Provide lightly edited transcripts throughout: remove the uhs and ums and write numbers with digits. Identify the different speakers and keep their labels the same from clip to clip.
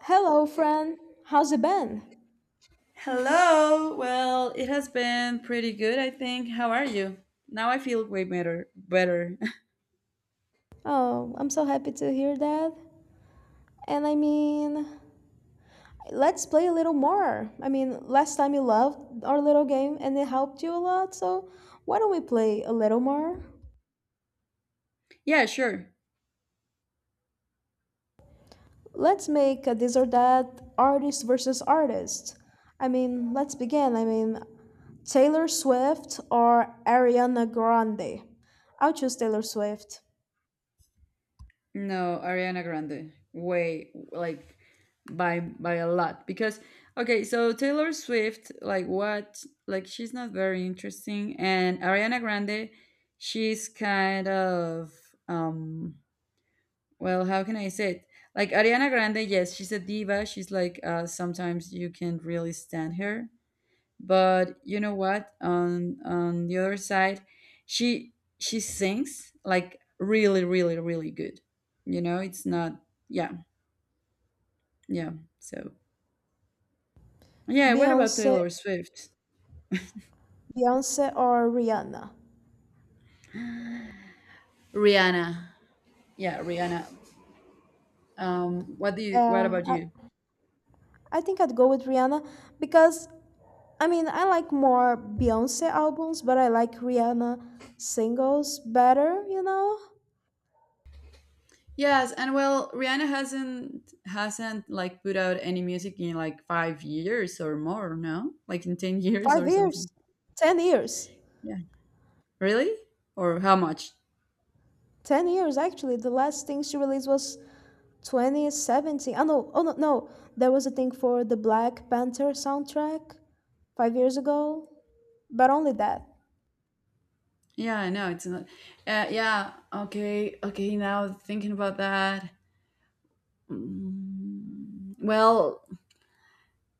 Speaker 1: Hello, friend. How's it been?
Speaker 2: Hello. Well, it has been pretty good, I think. How are you? Now I feel way better. Better.
Speaker 1: Oh, I'm so happy to hear that. And I mean, let's play a little more. I mean, last time you loved our little game and it helped you a lot, so why don't we play a little more?
Speaker 2: Yeah, sure.
Speaker 1: Let's make a this or that artist versus artist. I mean, let's begin. I mean, Taylor Swift or Ariana Grande? I'll choose Taylor Swift.
Speaker 2: No, Ariana Grande. Way like by a lot because okay, so Taylor Swift like what? Like she's not very interesting, and Ariana Grande she's kind of um well, how can I say it? Like Ariana Grande, yes, she's a diva. She's like sometimes you can really stand her, but you know what, on the other side she sings like really, really, really good. You know, it's not. Yeah. Yeah. So, yeah, what about
Speaker 1: Beyonce,
Speaker 2: Taylor Swift?
Speaker 1: Beyonce or Rihanna?
Speaker 2: Rihanna. Yeah, Rihanna. What
Speaker 1: Uh,
Speaker 2: about
Speaker 1: I,
Speaker 2: you?
Speaker 1: I think I'd go with Rihanna because I mean I like more Beyonce albums, but I like Rihanna singles better, you know?
Speaker 2: Yes, and well, Rihanna hasn't like put out any music in like 5 years or more, no? Like in 10 years
Speaker 1: Five
Speaker 2: or
Speaker 1: years.
Speaker 2: something.
Speaker 1: 10 years.
Speaker 2: Yeah. Really? Or how much?
Speaker 1: 10 years actually. The last thing she released was 2017. Oh no, oh no no. There was a thing for the Black Panther soundtrack 5 years ago. But only that.
Speaker 2: Yeah, I know it's not. Yeah, okay, okay. Now thinking about that, well,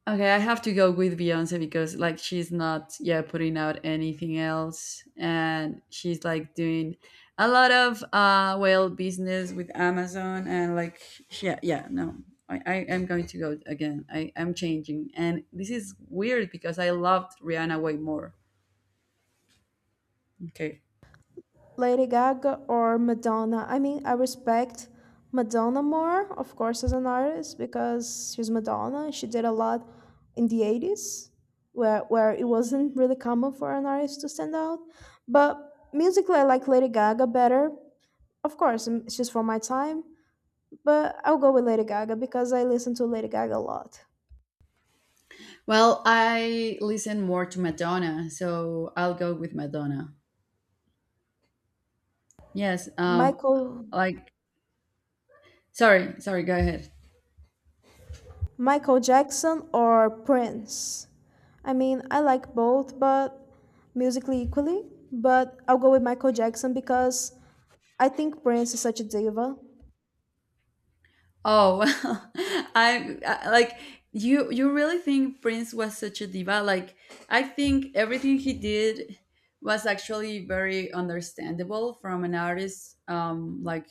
Speaker 2: okay, I have to go with Beyonce because like she's not, yeah, putting out anything else, and she's like doing a lot of well, business with Amazon, and like she, yeah, yeah, no. I am going to go again. I'm changing. And this is weird because I loved Rihanna way more. Okay.
Speaker 1: Lady Gaga or Madonna. I mean, I respect Madonna more, of course, as an artist because she's Madonna. She did a lot in the 80s where it wasn't really common for an artist to stand out. But musically, I like Lady Gaga better. Of course, she's from my time, but I'll go with Lady Gaga because I listen to Lady Gaga a lot.
Speaker 2: Well, I listen more to Madonna, so I'll go with Madonna. Yes,
Speaker 1: Michael.
Speaker 2: like Sorry, sorry, go ahead.
Speaker 1: Michael Jackson or Prince? I mean, I like both, but musically equally. But I'll go with Michael Jackson because I think Prince is such a diva.
Speaker 2: Oh, well, I like you really think Prince was such a diva? Like I think everything he did was actually very understandable from an artist, like,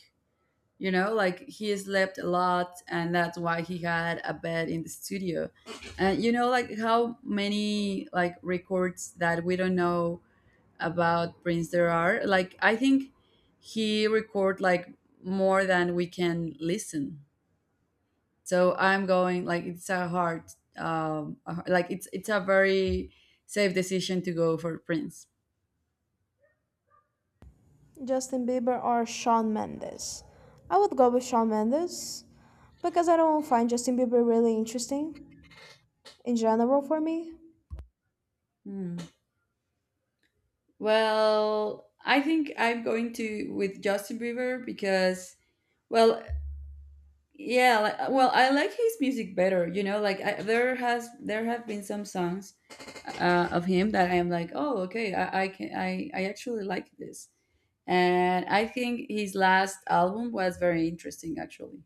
Speaker 2: you know, like he slept a lot, and that's why he had a bed in the studio. And you know, like how many like records that we don't know about Prince there are. Like I think he record like more than we can listen. So I'm going, like, it's a like it's a very safe decision to go for Prince.
Speaker 1: Justin Bieber or Shawn Mendes? I would go with Shawn Mendes because I don't find Justin Bieber really interesting in general for me.
Speaker 2: Hmm. Well, I think I'm going to with Justin Bieber because, well, yeah, like, well, I like his music better. You know, like there have been some songs of him that I am like, oh, okay, I can I actually like this, and I think his last album was very interesting actually.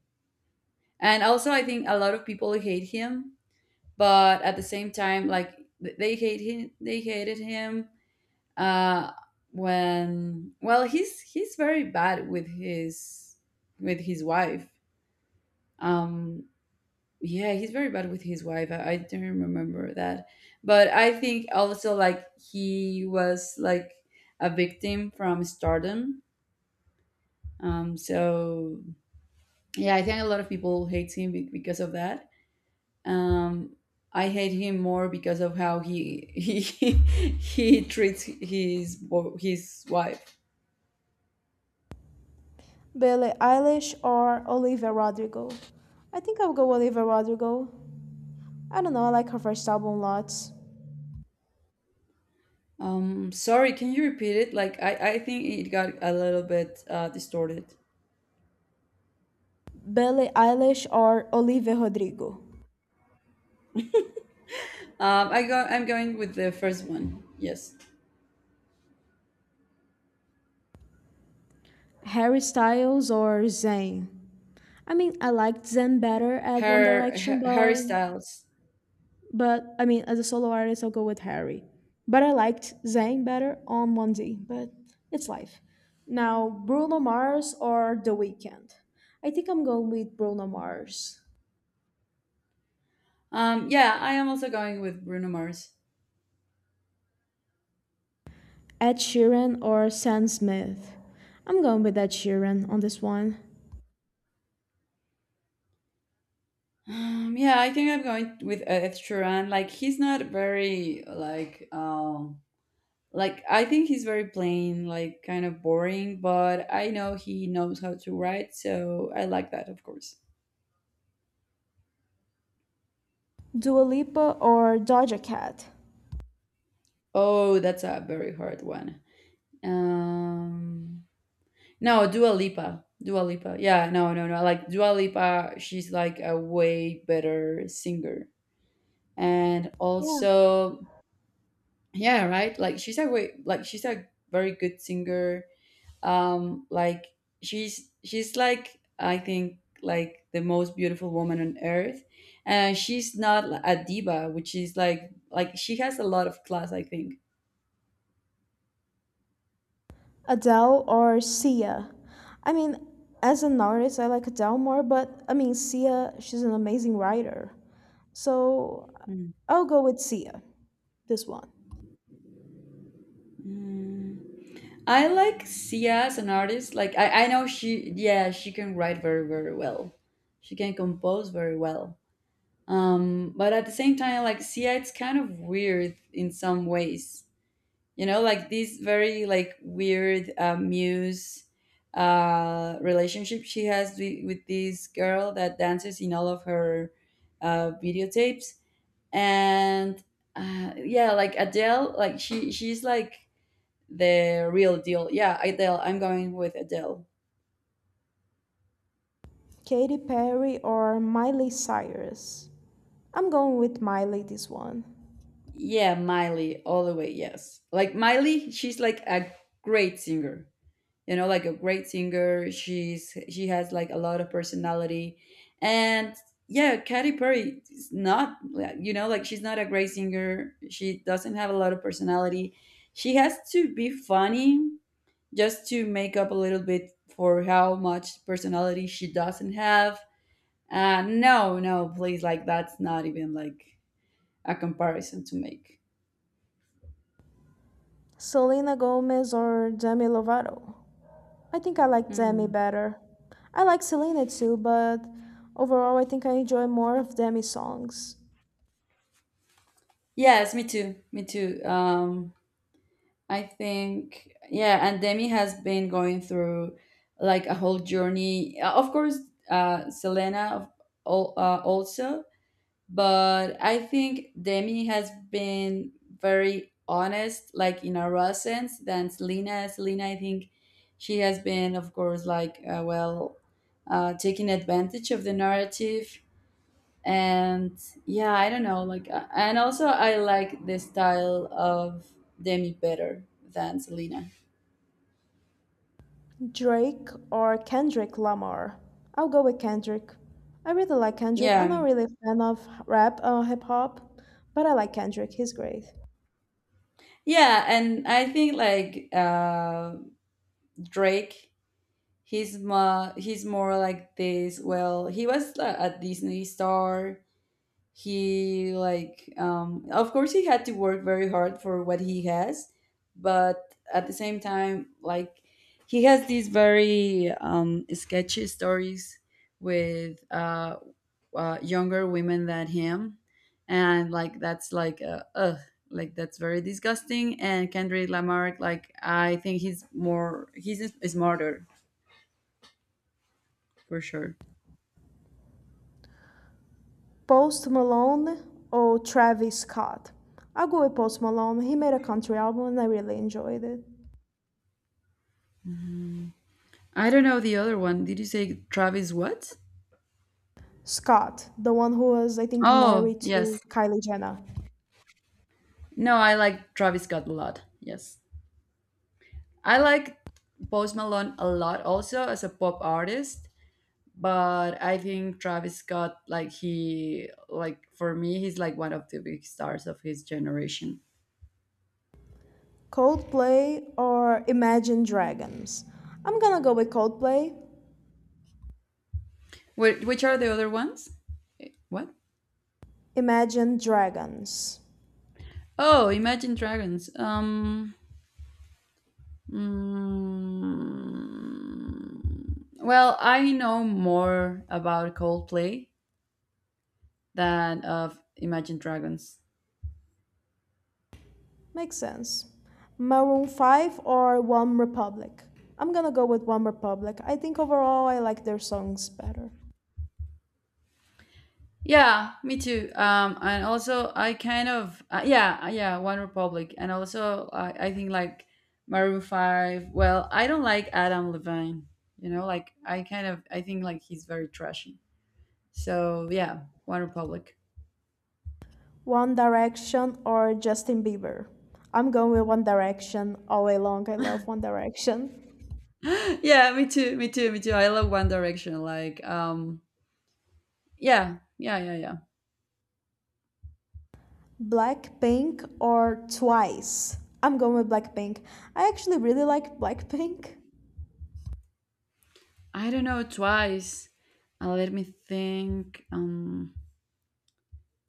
Speaker 2: And also, I think a lot of people hate him, but at the same time, like they hate him, they hated him, uh, when, well, he's very bad with his wife. Um, Yeah, he's very bad with his wife. I don't remember that. But I think also like he was like a victim from stardom. So yeah, I think a lot of people hate him because of that. Um, I hate him more because of how he he treats his his wife.
Speaker 1: Billie Eilish or Olivia Rodrigo? I think I'll go Olivia Rodrigo. I don't know, I like her first album lots.
Speaker 2: Sorry, can you repeat it? Like I think it got a little bit distorted.
Speaker 1: Billie Eilish or Olivia Rodrigo?
Speaker 2: I'm going with the first one. Yes.
Speaker 1: Harry Styles or Zayn? I mean, I liked Zayn better at One
Speaker 2: her,
Speaker 1: Direction,
Speaker 2: her Harry Styles.
Speaker 1: but I mean, as a solo artist, I'll go with Harry. But I liked Zayn better on One D. But it's life. Now, Bruno Mars or The Weeknd? I think I'm going with Bruno Mars.
Speaker 2: Yeah, I am also going with Bruno Mars.
Speaker 1: Ed Sheeran or Sam Smith? I'm going with Ed Sheeran on this one.
Speaker 2: Yeah, I think I'm going with Ed Sheeran. Like he's not very like, like I think he's very plain, like kind of boring, but I know he knows how to write, so I like that, of course.
Speaker 1: Dua Lipa or Doja Cat?
Speaker 2: Oh, that's a very hard one. Um, no, Dua Lipa. Dua Lipa. Yeah, no, no, no. Like Dua Lipa, she's like a way better singer. And
Speaker 1: Yeah,
Speaker 2: also, yeah, right, like she's a very good singer, like she's like, I think, like the most beautiful woman on earth, and she's not a diva, which is like she has a lot of class, I think.
Speaker 1: Adele or Sia? I mean, as an artist, I like Adele more, but I mean, Sia, she's an amazing writer. So
Speaker 2: Mm.
Speaker 1: I'll go with Sia, this one.
Speaker 2: Mm. I like Sia as an artist. Like I know she, yeah, she can write very, very well. She can compose very well. But at the same time, like, see, it's kind of weird in some ways, you know, like this very like weird muse relationship she has with this girl that dances in all of her videotapes, and yeah, like Adele, like she's like the real deal. Yeah, Adele. I'm going with Adele.
Speaker 1: Katy Perry or Miley Cyrus? I'm going with Miley this one.
Speaker 2: Yeah, Miley all the way. Yes, like Miley, she's like a great singer. You know, like a great singer. She has like a lot of personality. And yeah, Katy Perry is not you know, like she's not a great singer, she doesn't have a lot of personality. She has to be funny just to make up a little bit for how much personality she doesn't have. No, no, please, like that's not even like a comparison to make.
Speaker 1: Selena Gomez or Demi Lovato? I think I like Demi
Speaker 2: Hmm.
Speaker 1: better. I like Selena too, but overall, I think I enjoy more of Demi's songs.
Speaker 2: Yes, me too, me too. I think, yeah, and Demi has been going through like a whole journey. Of course, uh, Selena of- also, but I think Demi has been very honest, like in a raw sense, than Selena. Selena, I think, she has been, of course, like, well, taking advantage of the narrative. And yeah, I don't know, like, and also I like the style of Demi better than Selena.
Speaker 1: Drake or Kendrick Lamar? I'll go with Kendrick. I really like Kendrick. I'm
Speaker 2: Yeah.
Speaker 1: not really a fan of rap or hip hop, but I like Kendrick. He's great.
Speaker 2: Yeah, and I think, like, Drake, he's more like this, well, he was, a Disney star. He like, of course, he had to work very hard for what he has, but at the same time, like, he has these very, sketchy stories with, younger women than him, and like that's like, ugh, like that's very disgusting. And Kendrick Lamar, like I think he's more, he's smarter, for sure.
Speaker 1: Post Malone or Travis Scott? I'll go with Post Malone. He made a country album and I really enjoyed it.
Speaker 2: I don't know the other one. Did you say Travis what?
Speaker 1: Scott, the one who was, I think,
Speaker 2: Oh,
Speaker 1: married
Speaker 2: yes.
Speaker 1: to Kylie Jenner.
Speaker 2: No, I like Travis Scott a lot. Yes. I like Post Malone a lot also as a pop artist, but I think Travis Scott, like he like for me, he's like one of the big stars of his generation.
Speaker 1: Coldplay or Imagine Dragons? I'm gonna go with Coldplay.
Speaker 2: Which are the other ones? Eh, what?
Speaker 1: Imagine Dragons.
Speaker 2: Oh, Imagine Dragons. Mm, Well, I know more about Coldplay than of Imagine Dragons.
Speaker 1: Makes sense. Maroon 5 or One Republic? I'm gonna go with One Republic. I think overall I like their songs better.
Speaker 2: Yeah, me too. And also I kind of yeah, One Republic, and also I think like Maroon Five. Well, I don't like Adam Levine. You know, like I kind of, I think like he's very trashy. So yeah, One Republic.
Speaker 1: One Direction or Justin Bieber? I'm going with One Direction all way long. I love One Direction.
Speaker 2: Yeah, me too, me too, me too. I love One Direction. Like, yeah, yeah, yeah, yeah.
Speaker 1: Blackpink or Twice? I'm going with Blackpink. I actually really like Blackpink.
Speaker 2: I don't know. Twice. Let me think.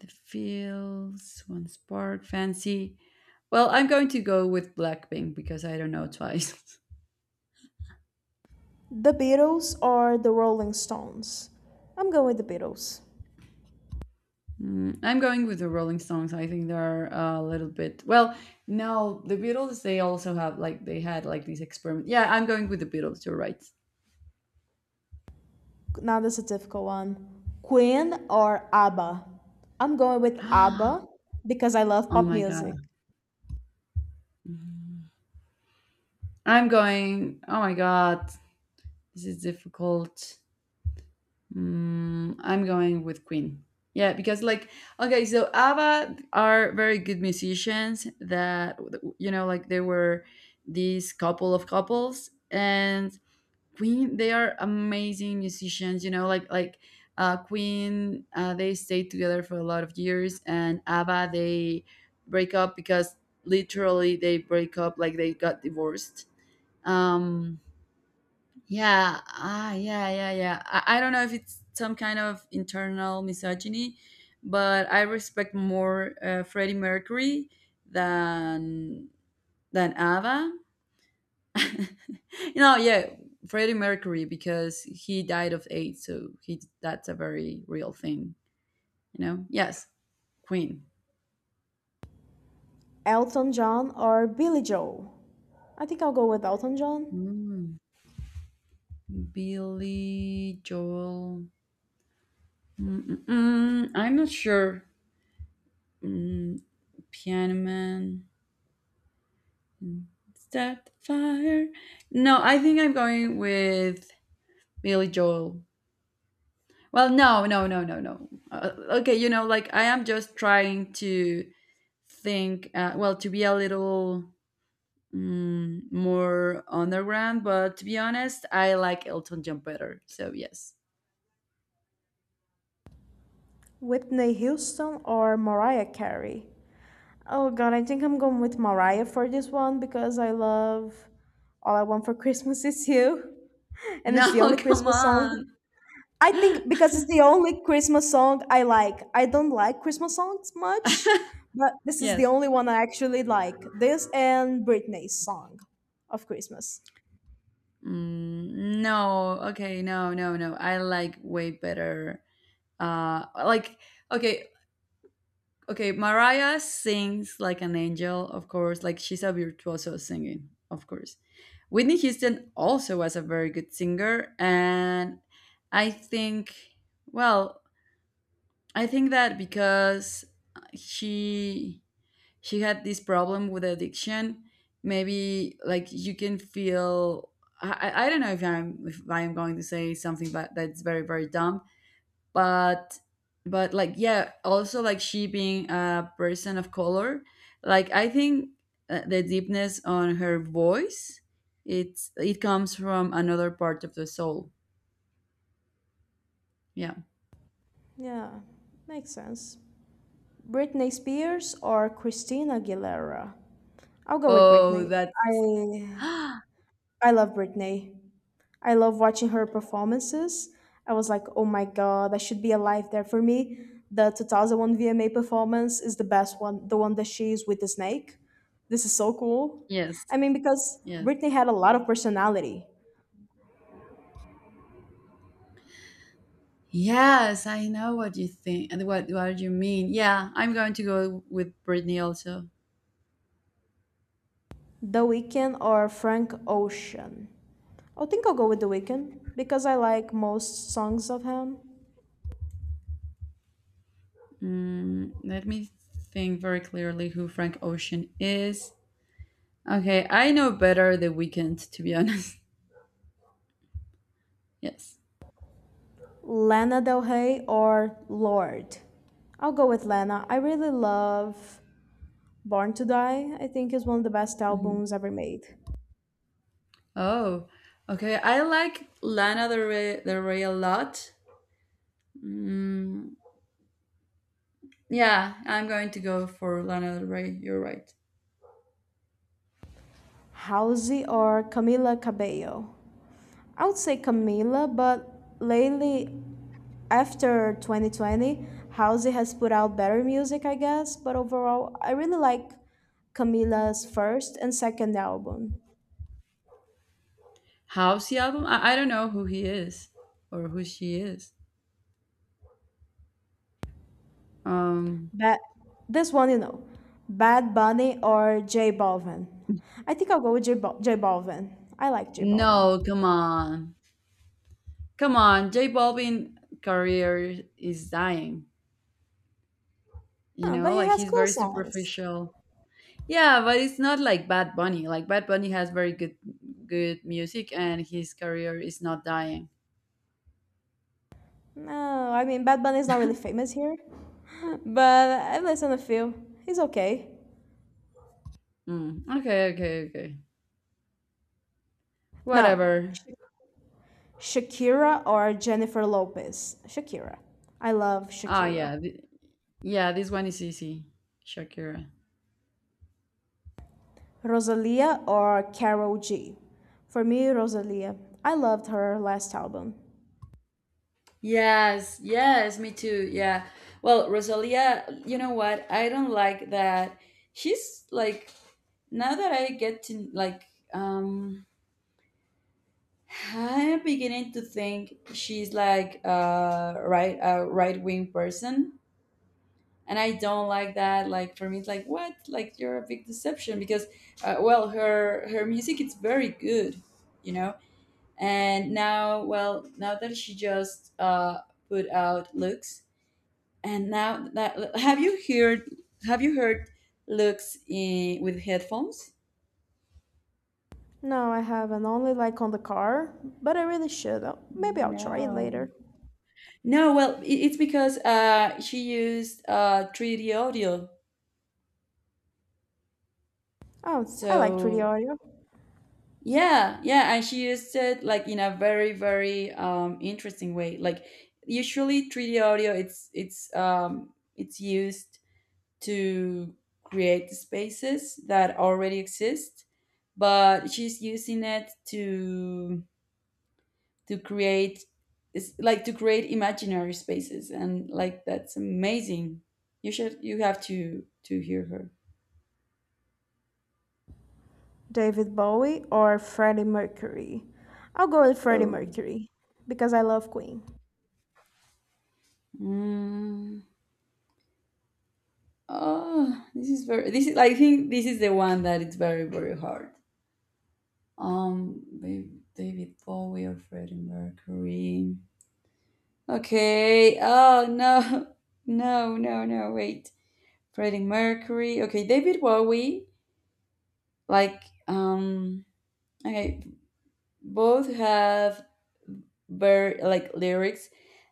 Speaker 2: The feels, one, spark, fancy. Well, I'm going to go with Blackpink because I don't know Twice.
Speaker 1: The Beatles or the Rolling Stones? I'm going with the Beatles.
Speaker 2: Mm, I'm going with the Rolling Stones. I think they're a little bit, well. No, the Beatles. They also have like they had like these experiments. Yeah, I'm going with the Beatles. You're right.
Speaker 1: Now this is a difficult one. Queen or ABBA? I'm going with
Speaker 2: Oh
Speaker 1: ABBA because I love pop
Speaker 2: my
Speaker 1: music.
Speaker 2: god, I'm going. Oh my god, this is difficult. Mm, I'm going with Queen. Yeah, because like okay, so ABBA are very good musicians that, you know, like they were these couple of couples. And Queen, they are amazing musicians, you know, like Queen, they stayed together for a lot of years, and ABBA, they break up because literally they break up, like they got divorced. Um yeah, ah, yeah, yeah, yeah. I don't know if it's some kind of internal misogyny, but I respect more Freddie Mercury than ABBA. You know, yeah, Freddie Mercury, because he died of AIDS, so he that's a very real thing, you know. Yes, Queen.
Speaker 1: Elton John or Billy Joel? I think I'll go with Elton John.
Speaker 2: Mm, Billy Joel. Mm-mm-mm. I'm not sure. Mm, Piano Man. Start the Fire. No, I think I'm going with Billy Joel. Well, no, no, no, no, no. Okay, you know, like I am just trying to think, well, to be a little, more underground, but to be honest, I like Elton John better. So, yes.
Speaker 1: Whitney Houston or Mariah Carey? Oh god, I think I'm going with Mariah for this one because I love All I Want for Christmas Is You. And it's the
Speaker 2: No,
Speaker 1: only
Speaker 2: come
Speaker 1: Christmas song
Speaker 2: on.
Speaker 1: I think because it's the only Christmas song I like. I don't like Christmas songs much, but this is the
Speaker 2: Yes.
Speaker 1: only one I actually like. This and Britney's song of Christmas.
Speaker 2: Mm, no, okay, no, no, no. I like way better. Like, okay, okay, Mariah sings like an angel, of course. Like she's a virtuoso singing, of course. Whitney Houston also was a very good singer, and I think, well, I think that because she she had this problem with addiction, maybe like you can feel. I don't know if I'm going to say something that that's very, very dumb, but like, yeah, also like she being a person of color, like I think, the deepness on her voice, it comes from another part of the soul. Yeah.
Speaker 1: Yeah, makes sense. Britney Spears or Christina Aguilera? I'll go with
Speaker 2: oh
Speaker 1: Britney.
Speaker 2: that's
Speaker 1: I I love Britney. I love watching her performances. I was like, oh my god, I should be alive there. For me, the 2001 VMA performance is the best one, the one that she is with the snake. This is so cool.
Speaker 2: yes.
Speaker 1: I mean, because
Speaker 2: Yes,
Speaker 1: Britney had a lot of personality.
Speaker 2: yes, I know what you think and what you mean. Yeah, I'm going to go with Britney also.
Speaker 1: The Weeknd or Frank Ocean? I think I'll go with The Weeknd because I like most songs of him.
Speaker 2: Mm, let me think very clearly who Frank Ocean is. Okay, I know better The weekend to be honest. Yes.
Speaker 1: Lana Del Rey or Lord? I'll go with Lana. I really love Born to Die, I think, is one of the best
Speaker 2: Mhm.
Speaker 1: albums ever made.
Speaker 2: Oh, okay. I like Lana Del Rey, Del Rey a lot. Yeah, I'm going to go for Lana Del Rey. You're right.
Speaker 1: Halsey or Camila Cabello? I would say Camila, but lately, after 2020, Halsey has put out better music, I guess. But overall, I really like Camila's first and second album.
Speaker 2: How's the album? I don't know who he is or who she is. Um,
Speaker 1: But this one, you know, Bad Bunny or J Balvin. I think I'll go with J Balvin. I like J Balvin.
Speaker 2: no, come on, come on. J Balvin career is dying.
Speaker 1: Ah, but he
Speaker 2: Like
Speaker 1: has
Speaker 2: he's
Speaker 1: cool
Speaker 2: very
Speaker 1: songs.
Speaker 2: superficial. Yeah, but it's not like Bad Bunny. Like Bad Bunny has very good music, and his career is not dying.
Speaker 1: No, I mean Bad Bunny is not really famous here, but I listen to a few. He's okay.
Speaker 2: Mm. Okay, okay, okay.
Speaker 1: Now,
Speaker 2: Whatever.
Speaker 1: Sha- Shakira or Jennifer Lopez? Shakira. I love
Speaker 2: Ah,
Speaker 1: Shakira.
Speaker 2: yeah. Yeah, this one is easy. Shakira.
Speaker 1: Rosalia or Carol G? For me, Rosalia. I loved her last album.
Speaker 2: Yes, yes, me too. Yeah. Well, Rosalia, you know what? I don't like that. She's like, now that I get to like, um I'm beginning to think she's like a right wing person, and I don't like that. Like for me, it's like what? Like you're a big deception because, well, her music it's very good, you know. And now, well, now that she just put out looks, and now that have you heard looks in with headphones?
Speaker 1: No, I haven't. Only like on the car, but I really should. Maybe I'll try it
Speaker 2: No,
Speaker 1: later.
Speaker 2: no. Well, it's because she used 3D audio,
Speaker 1: Oh, I like 3D
Speaker 2: so
Speaker 1: audio.
Speaker 2: yeah, yeah, and she used it like in a very, very interesting way. Like usually 3D audio it's used to create spaces that already exist, but she's using it to create, it's like to create imaginary spaces, and like that's amazing. You have to hear her.
Speaker 1: David Bowie or Freddie Mercury? I'll go with Freddie
Speaker 2: Oh.
Speaker 1: Mercury because I love Queen.
Speaker 2: Mm. Oh, this is very. This is. I think this is the one that it's very very hard. Um, Ba- David Bowie or Freddie Mercury. Okay. Oh no, no, no, no. Wait, Freddie Mercury. Okay, David Bowie. Like um. Okay, both have very like lyrics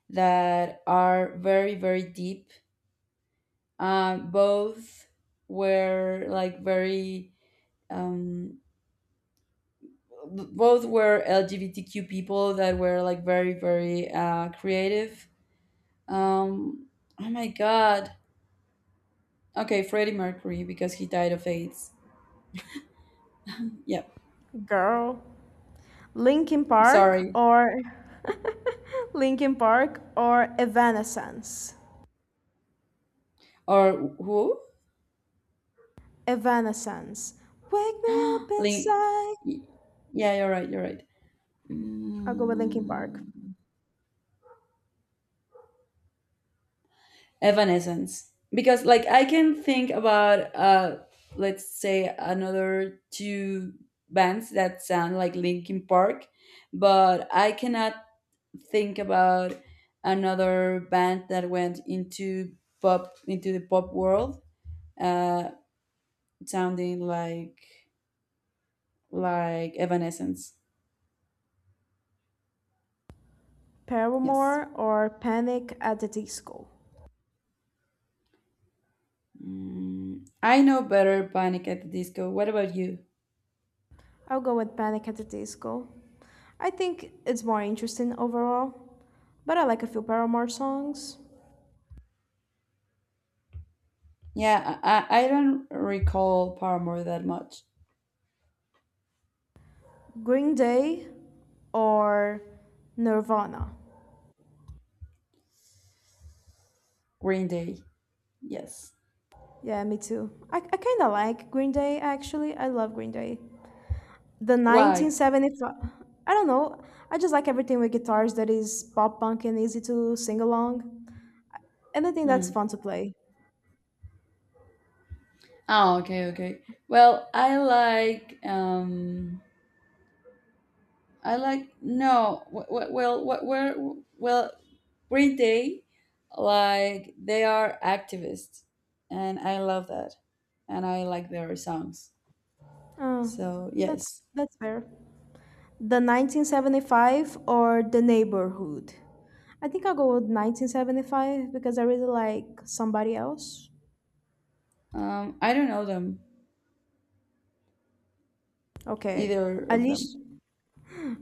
Speaker 2: that are very very deep. Uh, both were like very um both were LGBTQ people that were like very, very creative. Um, oh my God. Okay, Freddie Mercury because he died of AIDS. Yeah,
Speaker 1: Girl, Linkin
Speaker 2: I'm
Speaker 1: Park
Speaker 2: sorry.
Speaker 1: or Linkin Park or Evanescence?
Speaker 2: Or who?
Speaker 1: Evanescence. Wake me up
Speaker 2: Link.
Speaker 1: inside.
Speaker 2: Yeah, you're right. You're right.
Speaker 1: I'll go with Linkin Park.
Speaker 2: Mm, Evanescence. Because like I can think about let's say another two bands that sound like Linkin Park, but I cannot think about another band that went into the pop world, uh, sounding like Evanescence. Yes.
Speaker 1: Paramore or Panic at the Disco?
Speaker 2: I know better Panic at the Disco. What about you?
Speaker 1: I'll go with Panic at the Disco. I think it's more interesting overall, but I like a few Paramore songs.
Speaker 2: Yeah, I don't recall Paramore that much.
Speaker 1: Green Day or Nirvana?
Speaker 2: Green Day, yes.
Speaker 1: Yeah, me too. I kind of like Green Day, actually. I love Green Day. The
Speaker 2: Why?
Speaker 1: 1975, I don't know. I just like everything with guitars that is pop punk and easy to sing along. Anything that's
Speaker 2: Hmm.
Speaker 1: fun to play.
Speaker 2: Oh, okay, okay. Well, I like no. Well, Green Day, like they are activists, and I love that, and I like their songs. So
Speaker 1: That's
Speaker 2: yes,
Speaker 1: that's fair. The 1975 or The Neighborhood. I think I'll go with 1975 because I really like somebody else.
Speaker 2: I don't know them
Speaker 1: Okay.
Speaker 2: either of them.
Speaker 1: Alicia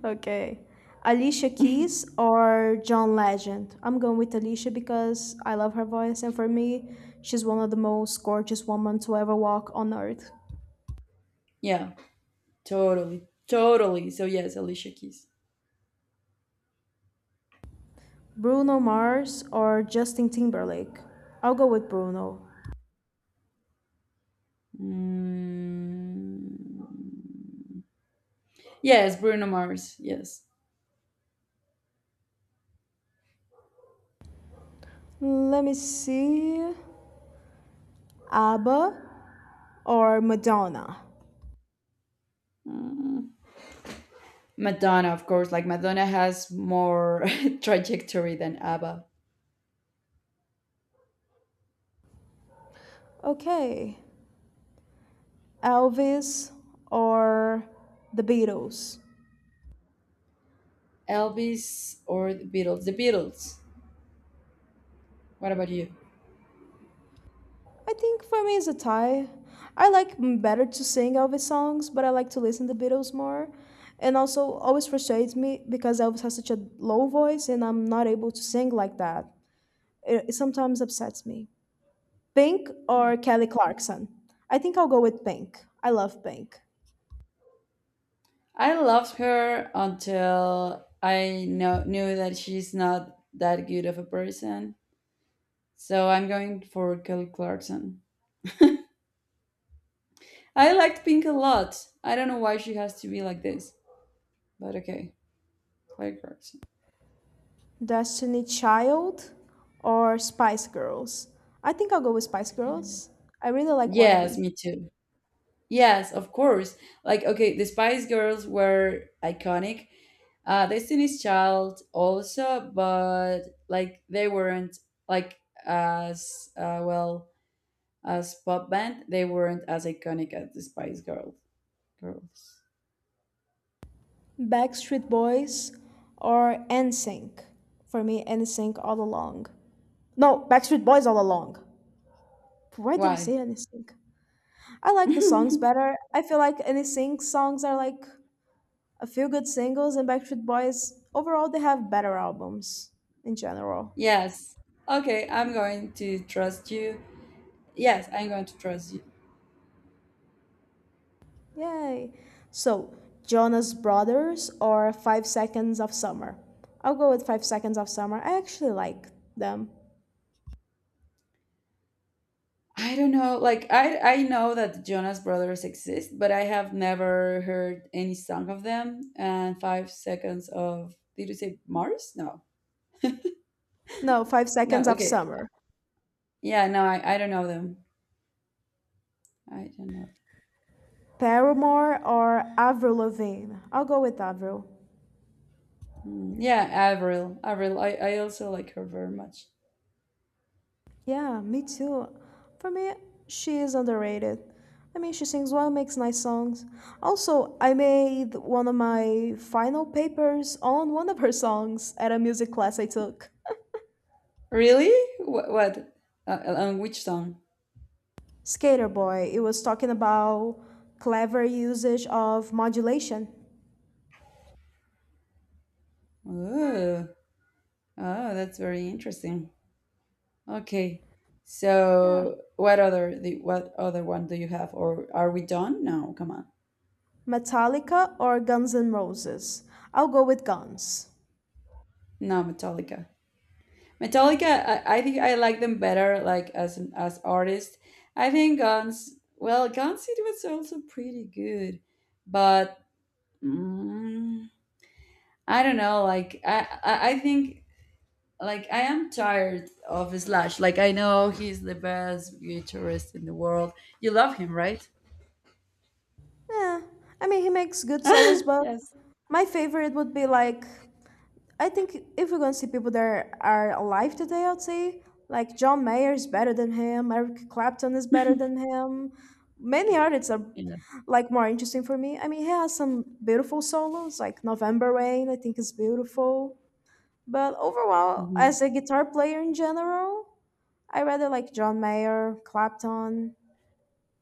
Speaker 1: Okay. Alicia Keys or John Legend? I'm going with Alicia because I love her voice, and for me, she's one of the most gorgeous women to ever walk on earth.
Speaker 2: Yeah, totally, totally. So yes, Alicia Keys.
Speaker 1: Bruno Mars or Justin Timberlake? I'll go with Bruno.
Speaker 2: Mm. Yes, Bruno Mars. Yes,
Speaker 1: Let me see. ABBA or Madonna?
Speaker 2: Madonna, of course. Like Madonna has more trajectory than ABBA.
Speaker 1: Okay. Elvis or the Beatles?
Speaker 2: Elvis or the Beatles? The Beatles. What about you?
Speaker 1: I think for me it's a tie. I like better to sing Elvis songs, but I like to listen to Beatles more. And also, always frustrates me because Elvis has such a low voice and I'm not able to sing like that. It sometimes upsets me. Pink or Kelly Clarkson? I think I'll go with Pink. I love Pink.
Speaker 2: I loved her until I knew that she's not that good of a person. So I'm going for Kelly Clarkson. I liked Pink a lot. I don't know why she has to be like this, but okay, Kelly Clarkson.
Speaker 1: Destiny Child or Spice Girls? I think I'll go with Spice Girls. I really like
Speaker 2: Yes,
Speaker 1: Wannabe.
Speaker 2: me too. Yes, of course. Like, okay, the Spice Girls were iconic. Destiny's Child also, but like they weren't like as well as pop band. They weren't as iconic as the Spice Girls. Girls.
Speaker 1: Backstreet Boys or NSYNC. For me, NSYNC all along. No, Backstreet Boys all along. Why did I
Speaker 2: Why?
Speaker 1: say NSYNC? I like the songs better. I feel like NSYNC songs are like a few good singles, and Backstreet Boys overall they have better albums in general.
Speaker 2: Yes. Okay, I'm going to trust you. Yes, I'm going to trust you.
Speaker 1: Yay! So Jonas Brothers or Five Seconds of Summer. I'll go with Five Seconds of Summer. I actually like them.
Speaker 2: I don't know. Like I know that the Jonas Brothers exist, but I have never heard any song of them. And 5 Seconds of, did you say Mars? No,
Speaker 1: No, Five
Speaker 2: no.
Speaker 1: Seconds of
Speaker 2: Okay,
Speaker 1: Summer.
Speaker 2: yeah. No, I don't know them. I don't know.
Speaker 1: Paramore or Avril Lavigne? I'll go with Avril.
Speaker 2: Hmm. Yeah, Avril. Avril. I also like her very much.
Speaker 1: Yeah, me too. For me, she is underrated. I mean, she sings well, makes nice songs. Also, I made one of my final papers on one of her songs at a music class I took.
Speaker 2: Really? What? What? On which song?
Speaker 1: Skater Boy, it was talking about clever usage of modulation.
Speaker 2: Oh, oh, that's very interesting. Okay.
Speaker 1: Yeah.
Speaker 2: So, what other one do you have, or are we done? No, come on.
Speaker 1: Metallica or Guns N' Roses? I'll go with Guns.
Speaker 2: No, Metallica. Metallica, I think I like them better, like as artists. I think Guns. Well, Guns it was also pretty good, but mm, I don't know. Like I think like I am tired of Slash. Like I know he's the best guitarist in the world. You love him, right?
Speaker 1: Yeah, I mean, he makes good solos, but
Speaker 2: Yes.
Speaker 1: my favorite would be like, I think if we're gonna see people that are alive today, I'd say like John Mayer is better than him, Eric Clapton is better than him. Many artists are
Speaker 2: Yeah.
Speaker 1: like more interesting for me. I mean, he has some beautiful solos, like November Rain, I think is beautiful. But overall,
Speaker 2: Mm-hmm.
Speaker 1: as a guitar player in general, I rather like John Mayer, Clapton.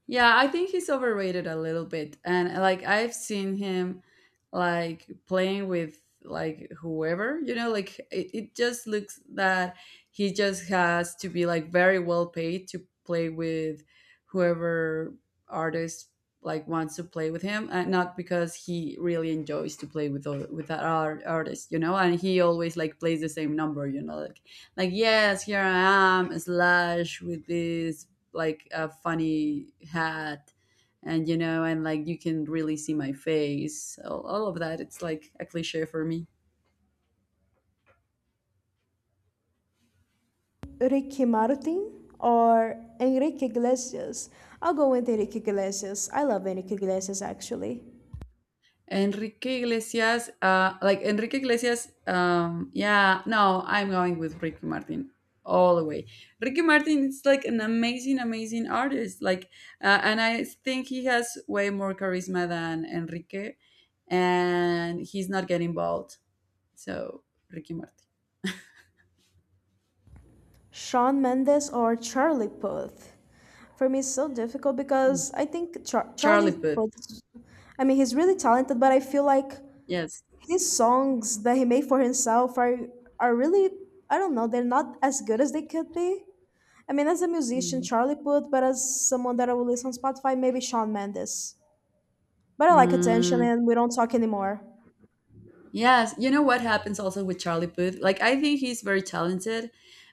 Speaker 2: Yeah, I think he's overrated a little bit. And like I've seen him like playing with like whoever, like it just looks that he just has to be like very well paid to play with whoever artist like wants to play with him, and not because he really enjoys to play with with that artist. And he always like plays the same number, like yes, here I am, Slash, with this, like, a funny hat, and like you can really see my face, all of that, it's like a cliche for me.
Speaker 1: Ricky Martin or Enrique Iglesias. I'll go with Enrique Iglesias. I love Enrique Iglesias actually.
Speaker 2: Enrique Iglesias, like Enrique Iglesias, yeah, no, I'm going with Ricky Martin all the way. Ricky Martin is like an amazing amazing artist. Like, and I think he has way more charisma than Enrique, and he's not getting bald, so Ricky Martin.
Speaker 1: Shawn Mendes or Charlie Puth. For me, it's so difficult because I think
Speaker 2: Charlie
Speaker 1: Charlie
Speaker 2: Puth,
Speaker 1: Puth, I mean, he's really talented, but I feel like
Speaker 2: yes.
Speaker 1: his songs that he made for himself are really, I don't know, they're not as good as they could be. I mean, as a musician,
Speaker 2: Hmm.
Speaker 1: Charlie Puth, but as someone that I will listen on Spotify, maybe Shawn Mendes. But I like attention
Speaker 2: Mm,
Speaker 1: and we don't talk anymore.
Speaker 2: yes, you know what happens also with Charlie Puth? Like, I think he's very talented,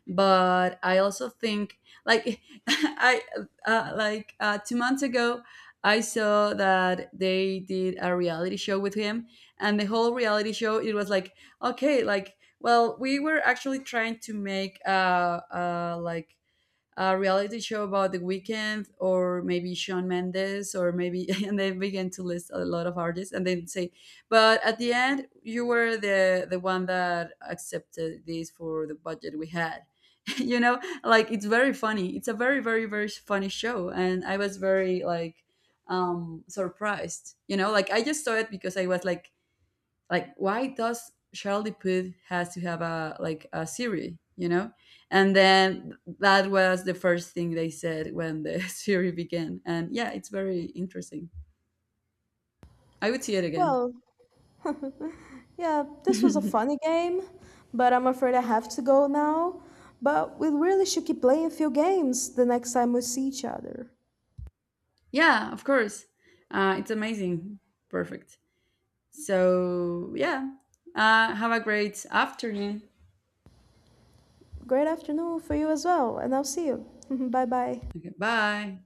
Speaker 2: but I also think, like, I like 2 months ago, I saw that they did a reality show with him, and the whole reality show it was like, okay, like, well, we were actually trying to make like a reality show about the Weekend or maybe Sean Mendes or maybe, and they began to list a lot of artists and then say, but at the end you were the one that accepted this for the budget we had. you know, like it's very funny. It's a very, very, very funny show. And I was very like surprised. Like I just saw it because I was like why does Charlie Puth has to have a like a Siri, you know? And then that was the first thing they said when the Siri began. And yeah, it's very interesting. I would see it again.
Speaker 1: Well, yeah, this was a funny game, but I'm afraid I have to go now. But we really should keep playing a few games the next time we see each other.
Speaker 2: Yeah, of course. It's amazing. Perfect. So yeah, have a great afternoon.
Speaker 1: Great afternoon for you as well, and I'll see you. bye bye.
Speaker 2: Okay, bye.